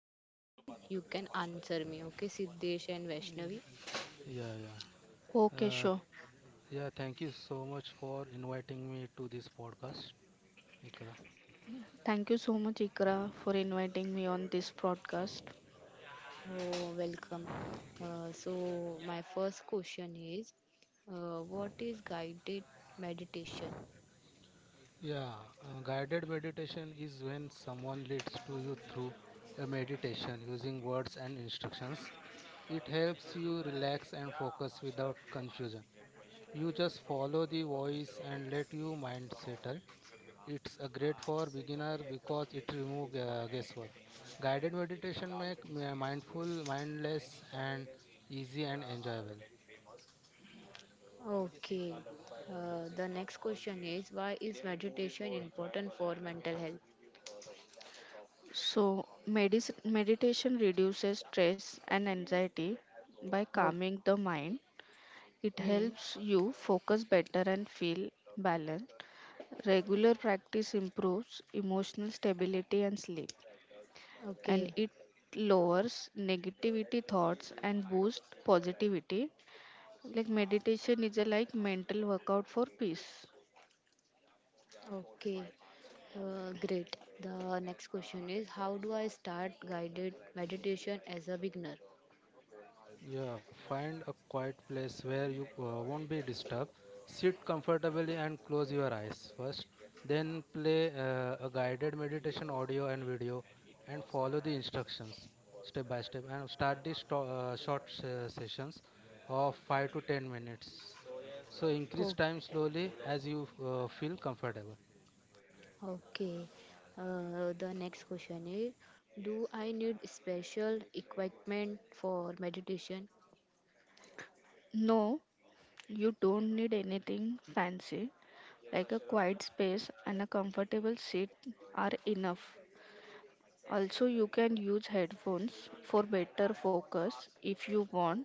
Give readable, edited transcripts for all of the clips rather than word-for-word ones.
some question. You can answer me, okay, Siddesh and Vaishnavi. Yeah, yeah. Uh, yeah, thank you so much for inviting me to this podcast, Ikra. Thank you so much, Ikra, for inviting me on this broadcast. Oh, welcome. So, my first question is what is guided meditation? Yeah, guided meditation is when someone leads to you through a meditation using words and instructions. It helps you relax and focus without confusion. You just follow the voice and let your mind settle. It's a great for beginner because it removes guesswork. Guided meditation make mindful, mindless and easy and enjoyable. Okay. The next question is, why is meditation important for mental health? Meditation reduces stress and anxiety by Okay. calming the mind. It Hmm. helps you focus better and feel balanced. Regular practice improves emotional stability and sleep, and Okay. it lowers negativity thoughts and boosts positivity. Meditation is a mental workout for peace. Okay. Great. The next question is, how do I start guided meditation as a beginner? Yeah, find a quiet place where you won't be disturbed. Sit comfortably and close your eyes first. Then play a guided meditation audio and video and follow the instructions step by step and start short sessions of 5 to 10 minutes. So increase time slowly as you feel comfortable. Okay. The next question is, do I need special equipment for meditation? No, you don't need anything fancy, like a quiet space and a comfortable seat are enough. Also, you can use headphones for better focus if you want.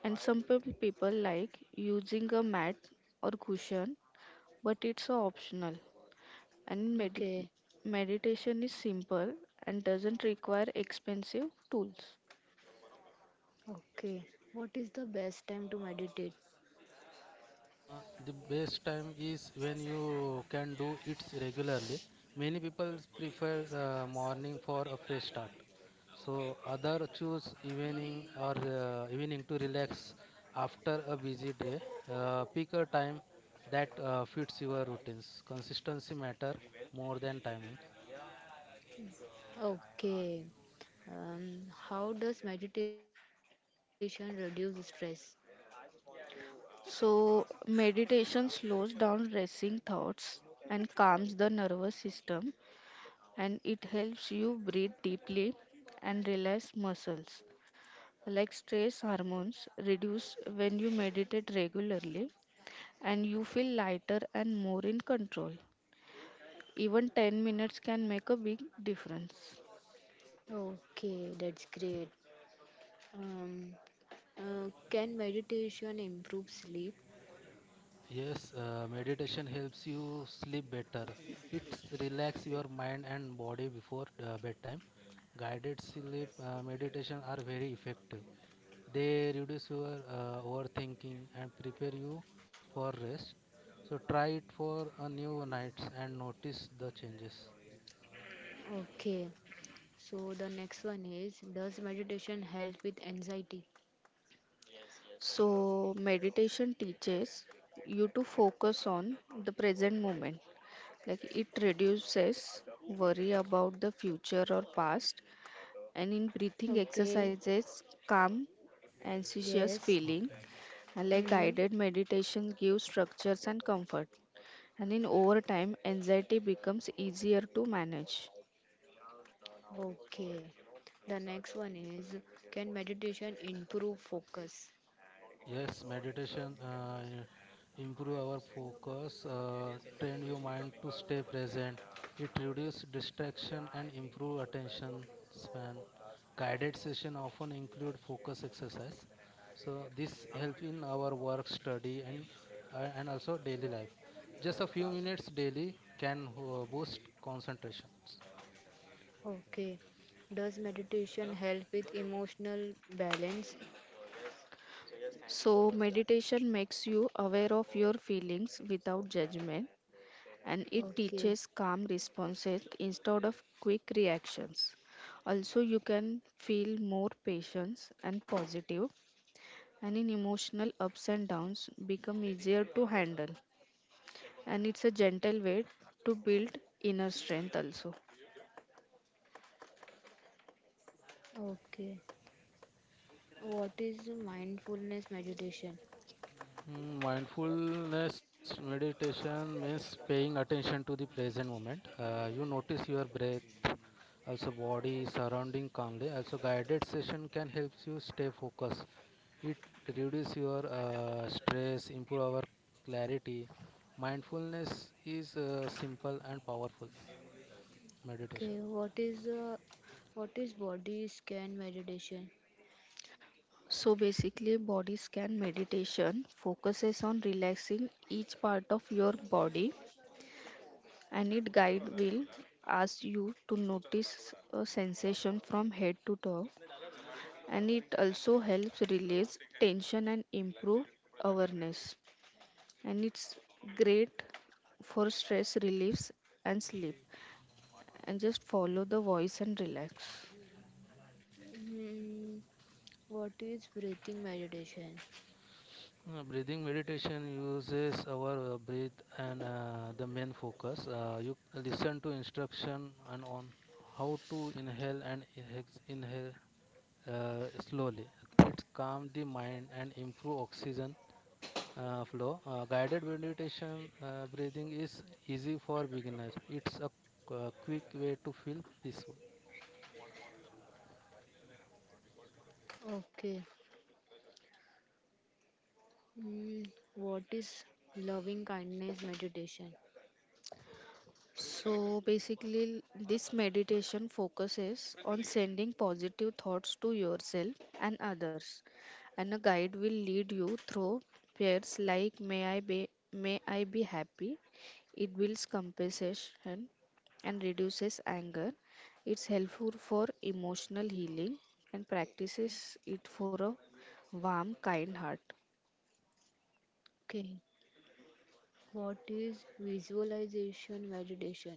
And people like using a mat or cushion, but it's optional. And medi- Okay. Meditation is simple and doesn't require expensive tools. Okay. What is the best time to meditate? Uh, the best time is when you can do it regularly. Many people prefer morning for a fresh start. So other choose evening or evening to relax after a busy day. Pick a time that fits your routines. Consistency matter more than timing. Okay. Um, how does meditation reduce stress? So, meditation slows down racing thoughts and calms the nervous system, and it helps you breathe deeply and relax muscles. Like, stress hormones reduce when you meditate regularly, and you feel lighter and more in control. Even 10 minutes can make a big difference. Okay, that's great. Um, can meditation improve sleep? Yes, meditation helps you sleep better. It relax your mind and body before bedtime. Guided sleep meditation are very effective. They reduce your overthinking and prepare you for rest. So try it for a new nights and notice the changes. Okay. So the next one is, does meditation help with anxiety? So meditation teaches you to focus on the present moment. Like, it reduces worry about the future or past, and in breathing Okay. exercises calm anxious Yes. feeling. Like, Hmm. guided meditation gives structures and comfort, and in over time, anxiety becomes easier to manage. Okay. The next one is, can meditation improve focus? Yes, meditation improve our focus, train your mind to stay present. It reduce distraction and improve attention span. Guided session often include focus exercise. So this help in our work, study, and and also daily life. Just a few minutes daily can boost concentration. Okay. Does meditation help with emotional balance? So, meditation makes you aware of your feelings without judgment, and it Okay. teaches calm responses instead of quick reactions. Also, you can feel more patience and positive, and in emotional ups and downs become easier to handle. And it's a gentle way to build inner strength also. Okay. What is mindfulness meditation? Mindfulness meditation means paying attention to the present moment. You notice your breath, also body, surrounding calmly. Also, guided session can help you stay focused. It reduces your stress, improve our clarity. Mindfulness is simple and powerful meditation. Okay. What is body scan meditation? So basically, body scan meditation focuses on relaxing each part of your body, and it guide will ask you to notice a sensation from head to toe, and it also helps release tension and improve awareness. And it's great for stress reliefs and sleep. And just follow the voice and relax. Hmm. What is breathing meditation? Breathing meditation uses our breath and the main focus. You listen to instruction and on how to inhale and inhale slowly. It calms the mind and improve oxygen flow. Guided meditation breathing is easy for beginner. It's a quick way to feel peaceful. Okay. Mm, what is loving kindness meditation? So basically, this meditation focuses on sending positive thoughts to yourself and others, and a guide will lead you through prayers like may I be happy." It builds compassion and reduces anger. It's helpful for emotional healing and practices it for a warm, kind heart. Okay. What is visualization meditation?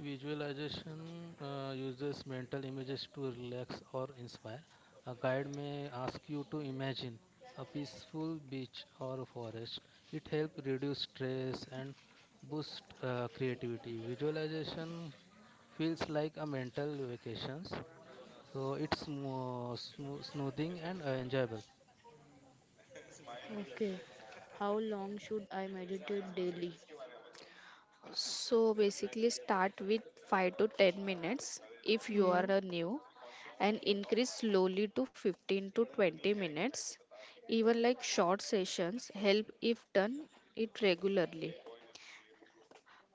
Visualization uses mental images to relax or inspire. A guide may ask you to imagine a peaceful beach or a forest. It helps reduce stress and boost creativity. Visualization feels like a mental vacations, so it's more smoothing and enjoyable. Okay. How long should I meditate daily? So basically, start with 5 to 10 minutes if you are Hmm. a new, and increase slowly to 15 to 20 minutes. Even like short sessions help if done it regularly.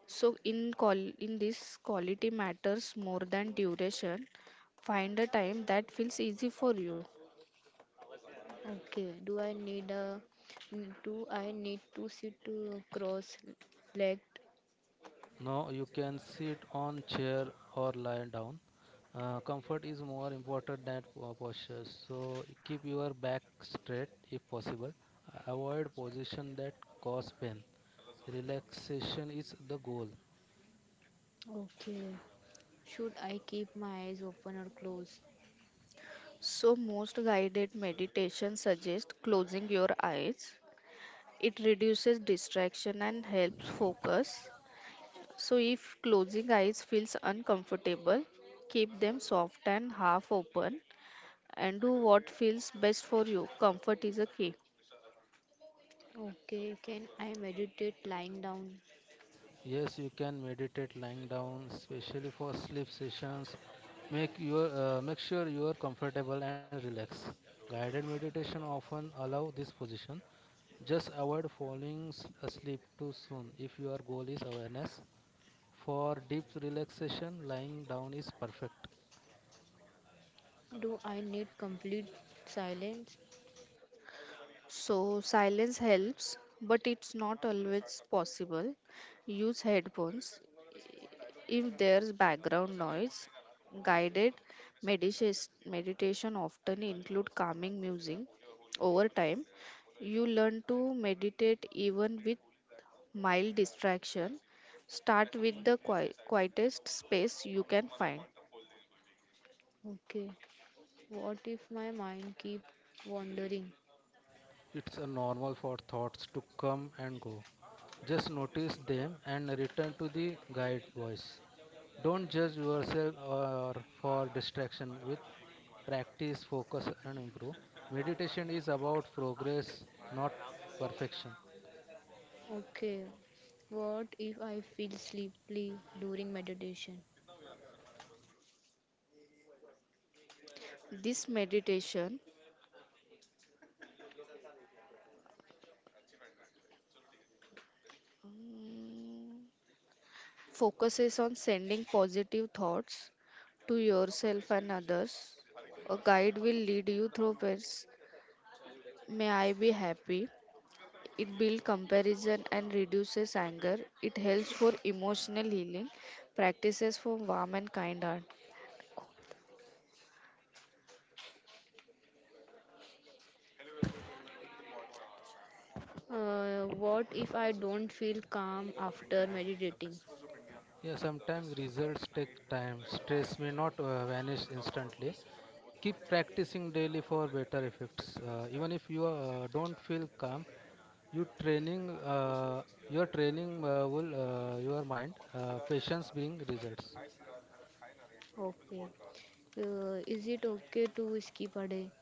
So in call in this, quality matters more than duration. Find a time that feels easy for you. Okay. Do I need to sit cross-legged? Now you can sit on chair or lie down. Comfort is more important than posture, so keep your back straight if possible. Avoid position that cause pain. Relaxation is the goal. Okay. Should I keep my eyes open or closed? So most guided meditation suggest closing your eyes. It reduces distraction and helps focus. So, if closing eyes feels uncomfortable, keep them soft and half open, and do what feels best for you. Comfort is a key. Okay. Can I meditate lying down? Yes, you can meditate lying down, especially for sleep sessions. Make sure you are comfortable and relaxed. Guided meditation often allow this position. Just avoid falling asleep too soon if your goal is awareness. For deep relaxation, lying down is perfect. Do I need complete silence? So, silence helps, but it's not always possible. Use headphones if there's background noise. Guided meditation meditation often include calming music. Over time, you learn to meditate even with mild distraction. Start with the quietest space you can find. Okay. What if my mind keep wandering? It's a normal for thoughts to come and go. Just notice them and return to the guide voice. Don't judge yourself or for distraction. With practice, focus, and improve. Meditation is about progress, not perfection. Okay. What if I feel sleepy during meditation? This meditation, mm, focuses on sending positive thoughts to yourself and others. A guide will lead you through this. May I be happy. It builds comparison and reduces anger. It helps for emotional healing. Practices for warm and kind heart. What if I don't feel calm after meditating? Yeah, sometimes results take time. Stress may not vanish instantly. Keep practicing daily for better effects. Even if you don't feel calm, you training uh, your training will your mind patience bring results. Okay. Is it okay to skip a day?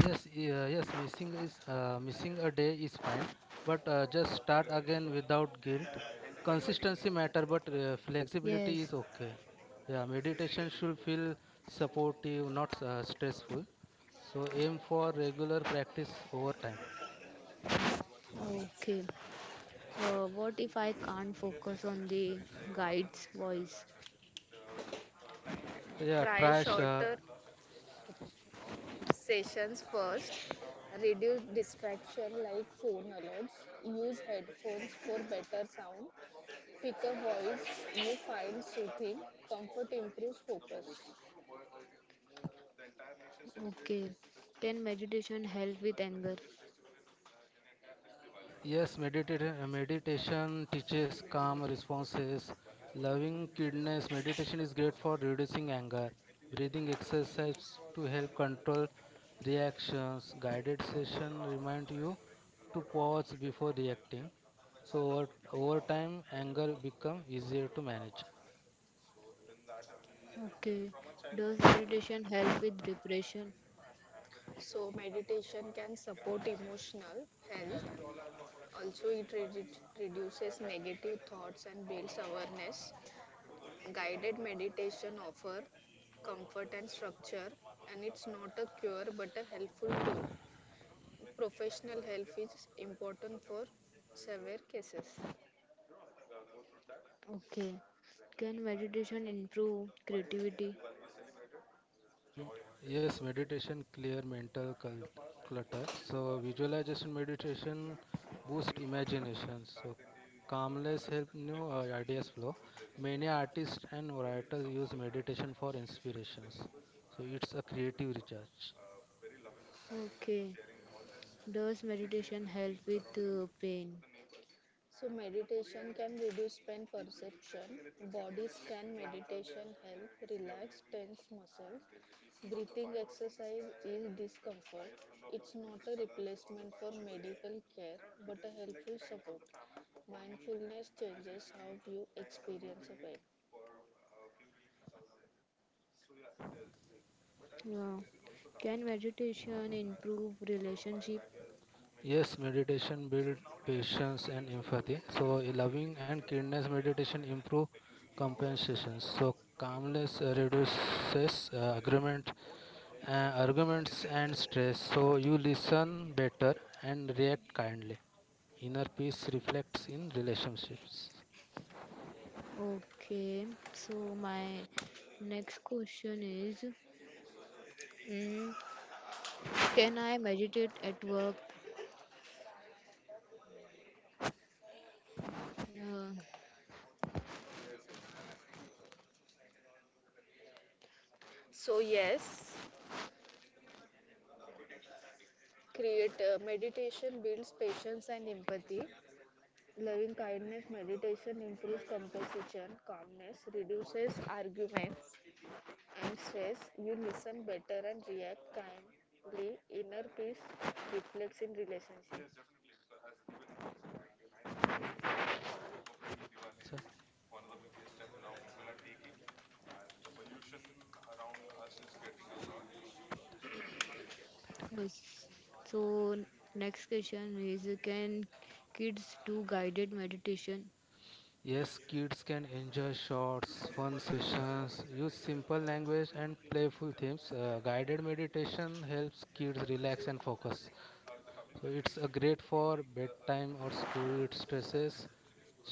Yes yeah, yes missing a day is fine, but just start again without guilt. Consistency matter, but flexibility Yes. is okay. Yeah, meditation should feel supportive, not stressful, so aim for regular practice over time. Okay. What if I can't focus on the guide's voice? yeah Try try sh- shorter sessions first. Reduce distraction like phone alerts. Use headphones for better sound. Pick a voice you find soothing. Comfort improves focus. Okay. Can meditation help with anger? yes, meditation teaches calm responses, loving kindness. Meditation is great for reducing anger, breathing exercise to help control reactions. Guided session remind you to pause before reacting. So over time, anger become easier to manage. Okay. Does meditation help with depression? So meditation can support emotional health. Also, reduces negative thoughts and builds awareness. Guided meditation offer comfort and structure, and it's not a cure but a helpful tool. Professional help is important for severe cases. Okay. Can meditation improve creativity? Mm, Yes, meditation clear clutter. So visualization meditation boost imagination. So calmness help new ideas flow. Many artists and writers use meditation for inspirations. So it's a creative recharge. Okay. Does meditation help with pain? So meditation can reduce pain perception. Body scan meditation help relax tense muscles. Breathing exercise is discomfort. It's not a replacement for medical care but a helpful support. Mindfulness changes how you experience a pain. Uh, can meditation improve relationship? Yes, meditation build patience and empathy. So a loving and kindness meditation improve compensation. So calmness reduces agreement uh, arguments and stress, so you listen better and react kindly. Inner peace reflects in relationships. Okay. So my next question is, mm, can I meditate at work? Uh, So yes, create, meditation builds patience and empathy. Loving kindness meditation improves composition, calmness, reduces arguments and stress. You listen better and react kindly. Inner peace reflects in relationships. So, that is true. yes. So next question is, can kids do guided meditation? Yes, kids can enjoy shorts fun sessions. Use simple language and playful themes. Guided meditation helps kids relax and focus, so it's a great for bedtime or school stresses.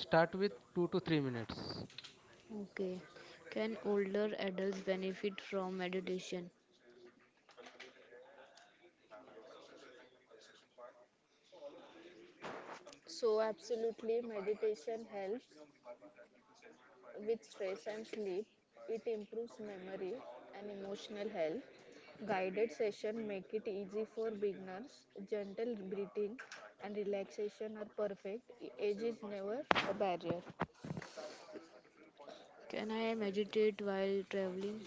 Start with 2 to 3 minutes. Okay. Can older adults benefit from meditation? So, absolutely, meditation helps with stress and sleep. It improves memory and emotional health. Guided session make it easy for beginners. Gentle breathing and relaxation are perfect. Age is never a barrier. Can I meditate while traveling?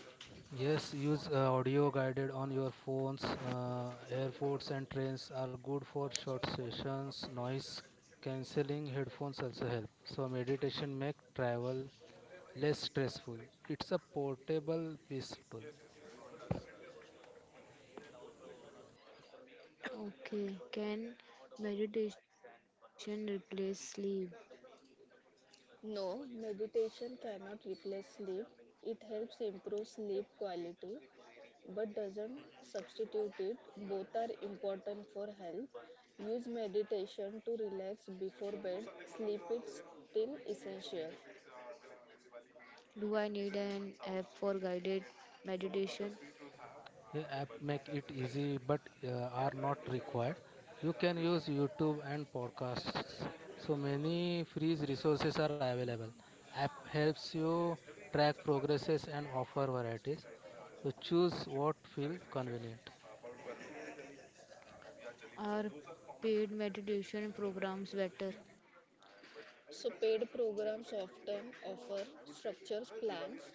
Yes, use audio guided on your phones. Airports and trains are good for short sessions. Noise cancelling headphones also help. So meditation make travel less stressful. It's a portable peaceful. Okay. Can meditation replace sleep? No, meditation cannot replace sleep. It helps improve sleep quality but doesn't substitute it. Both are important for health. Use meditation to relax before bed. Sleep is still essential. Do I need an app for guided meditation? The app make it easy, but are not required. You can use YouTube and podcasts. So many free resources are available. App helps you track progresses and offer varieties. So choose what feel convenient. Are paid meditation programs better? So, paid programs often offer structures, plans.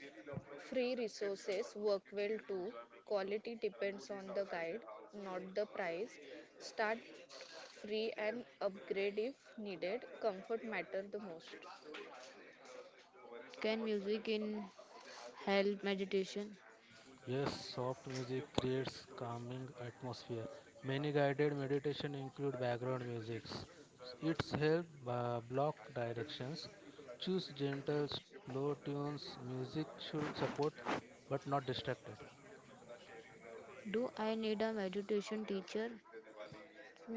Free resources work well too. Quality depends on the guide, not the price. Start free and upgrade if needed. Comfort matter the most. Can music in help meditation? Yes, soft music creates calming atmosphere. Many guided meditation include background musics. It's help block directions. Choose gentle, slow tunes. Music should support but not distract it. Do I need a meditation teacher?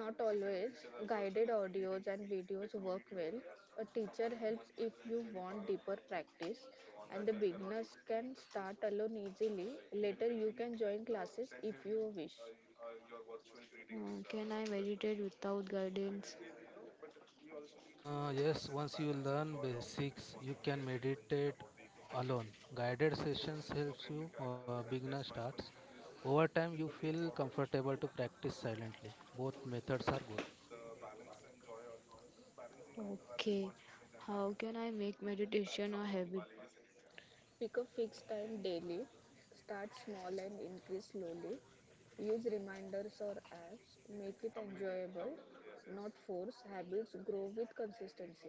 Not always. Guided audios and videos work well. A teacher helps if you want deeper practice, and the beginners can start alone easily. Later, you can join classes if you wish. Can I meditate without guidance? Yes, once you learn basics, you can meditate alone. Guided sessions helps you beginner starts. Over time, you feel comfortable to practice silently. Both methods are good. Okay, how can I make meditation a habit? Pick a fixed time daily, start small and increase slowly. Use reminders or apps, make it enjoyable, not force. Habits grow with consistency.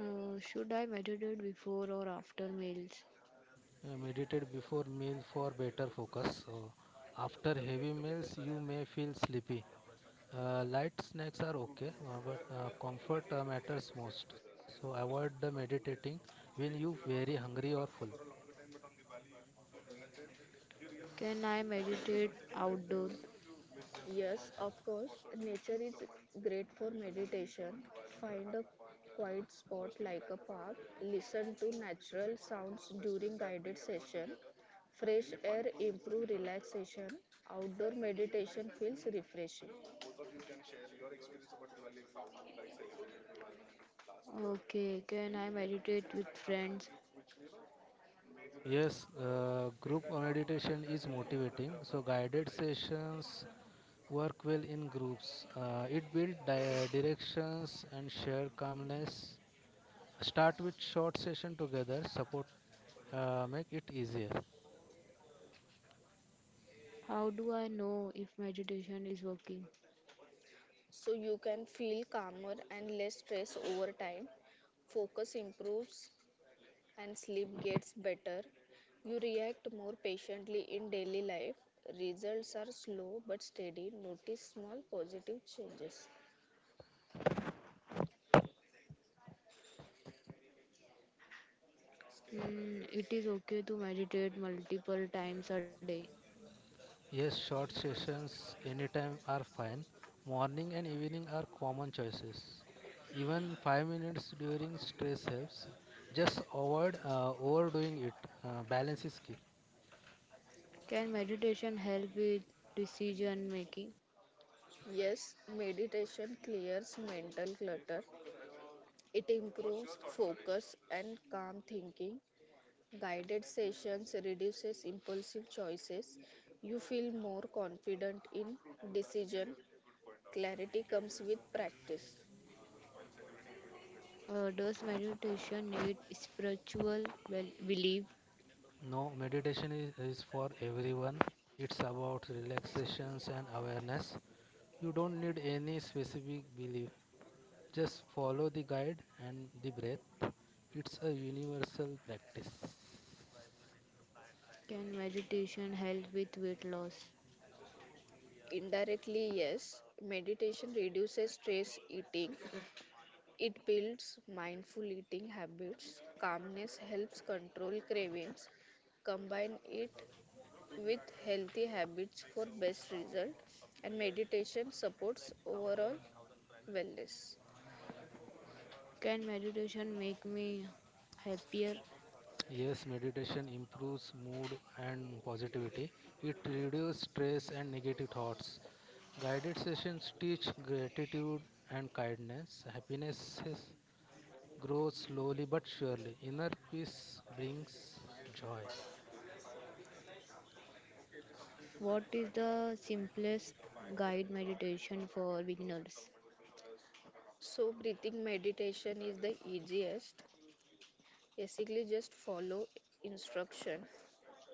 Should I meditate before or after meals? Meditate before meal for better focus. So after heavy meals, you may feel sleepy. Light snacks are okay, but comfort matters most. So avoid the meditating when you very hungry or full. Can I meditate outdoor? Yes, of course, nature is great for meditation. Find a quiet spot like a park, listen to natural sounds during guided session. Fresh outdoor refreshing. Okay, can I meditate with friends? Yes, group meditation is motivating. So guided sessions work well in groups. It builds directions and share calmness. Start with short session together. Support make it easier. How do I know if meditation is working? So you can feel calmer and less stress over time. Focus improves and sleep gets better, you react more patiently in daily life. Results are slow but steady. Notice small positive changes. Mm, it is okay to meditate multiple times a day. Yes, short sessions anytime are fine. Morning and evening are common choices. Even 5 minutes during stress helps. Just avoid overdoing it. Balance is key. Can meditation help with decision making? Yes, meditation clears mental clutter. It improves focus and calm thinking. Guided sessions reduces impulsive choices. You feel more confident in decision. Clarity comes with practice. Does meditation need belief? No, meditation is for everyone. It's about relaxations and awareness. You don't need any specific belief. Just follow the guide and the breath. It's a universal practice. Can meditation help with weight loss? Indirectly, yes. Meditation reduces stress eating. It builds mindful eating habits. Calmness helps control cravings. Combine it with healthy habits for best result, and meditation supports overall wellness. Can meditation make me happier? Yes, meditation improves mood and positivity. It reduces stress and negative thoughts. Guided sessions teach gratitude and kindness. Happiness grows slowly but surely. Inner peace brings joy. What is the simplest guide meditation for beginners? So breathing meditation is the easiest. Basically just follow instruction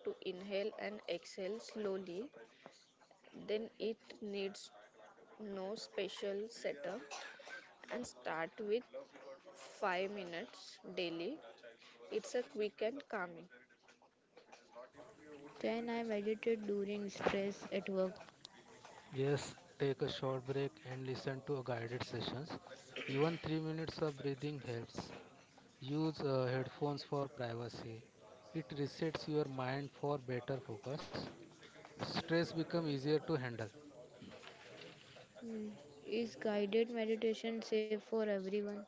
to inhale and exhale slowly. Then it needs no special setup, and start with 5 minutes daily. It's a quick and calming. Can I meditate during stress at work? Yes, take a short break and listen to a guided sessions. Even 3 minutes of breathing helps. Use headphones for privacy. It resets your mind for better focus. Stress becomes easier to handle. Hmm, is guided meditation safe for everyone?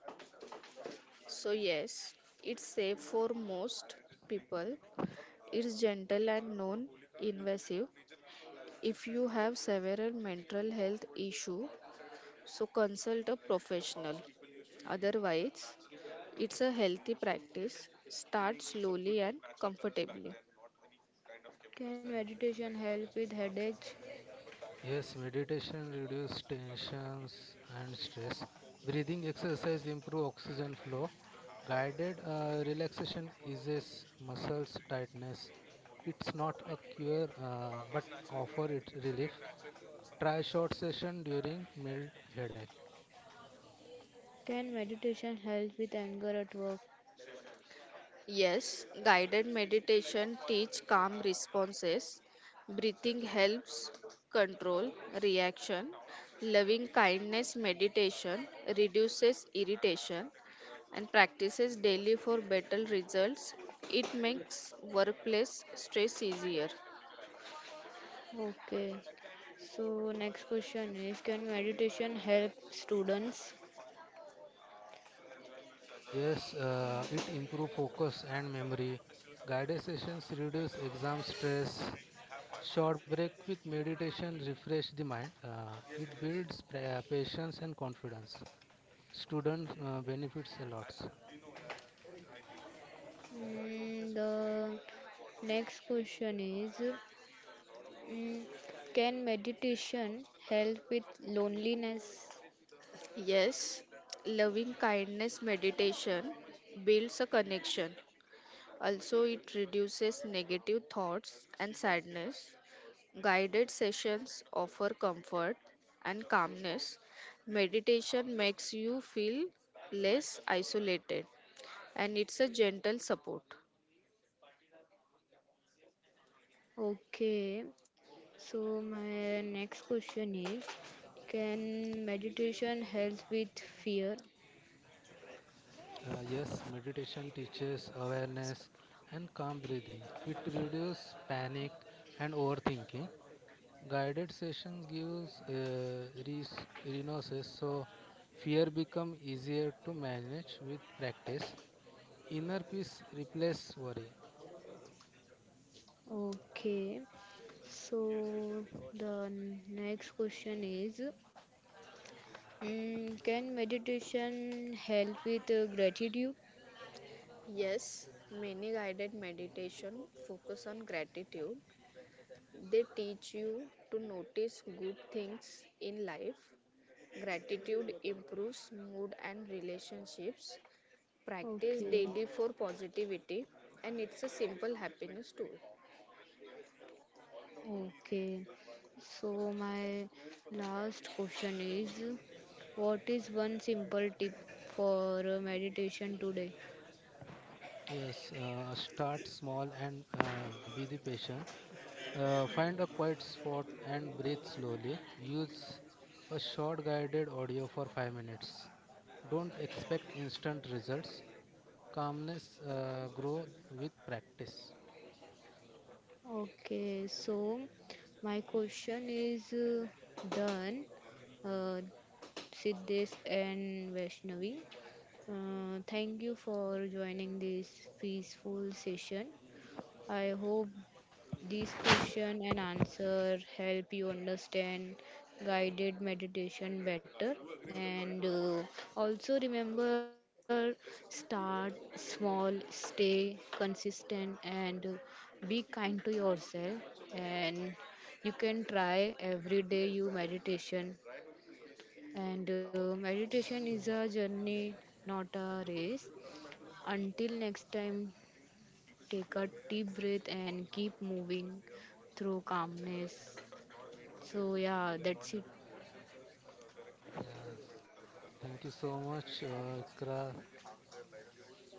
So, yes, it's safe for most people. It's gentle and non invasive. If you have severe mental health issue, so consult a professional. Otherwise, it's a healthy practice. Start slowly and comfortably. Can meditation help with headache? Yes, meditation reduces tensions and stress. Breathing exercise improve oxygen flow. Guided relaxation eases muscles tightness. It's not a cure, but offer it relief. Try short session during mild headache. Can meditation help with anger at work? Yes, guided meditation teach calm responses. Breathing helps control reaction. Loving kindness meditation reduces irritation, and practices daily for better results. It makes workplace stress easier. Okay. So next question is, can meditation help students? Yes, it improve focus and memory. Guided sessions reduce exam stress. Short break with meditation refresh the mind. It builds patience and confidence. Student benefits a lot. Mm, the next question is mm, can meditation help with loneliness? Yes, loving kindness meditation builds a connection. Also, it reduces negative thoughts and sadness. Guided sessions offer comfort and calmness. Meditation makes you feel less isolated, and it's a gentle support. Okay, so my next question is, can meditation help with fear? Yes, meditation teaches awareness and calm breathing. It reduces panic and overthinking. Guided sessions gives resources, so fear become easier to manage with practice. Inner peace replaces worry. Okay, so the next question is, mm, can meditation help with gratitude? Yes, many guided meditation focus on gratitude. They teach you to notice good things in life. Gratitude improves mood and relationships. Practice Okay. daily for positivity, and it's a simple happiness tool. Okay. So my last question is, what is one simple tip for meditation today? Yes, start small and be the patient. Find a quiet spot and breathe slowly. Use a short guided audio for 5 minutes. Don't expect instant results. Calmness grow with practice. Okay, so my question is done, uh, Siddhesh and Vaishnavi. Thank you for joining this peaceful session. I hope these question and answer help you understand guided meditation better and also remember, start small, stay consistent, and be kind to yourself, and you can try every day you meditation, and meditation Yes, is so- a journey, not a race. Until next time, take a deep breath and keep moving through calmness. So, yeah, that's it. yes. Thank you so much, Ikra,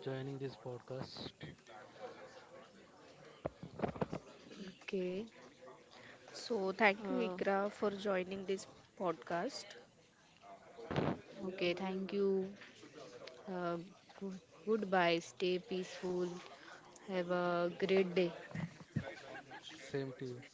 joining this podcast. Okay. So, thank you, Uh, Ikra, for joining this podcast. okay, thank you. Uh, Goodbye. Stay peaceful. Have a great day. Same to you.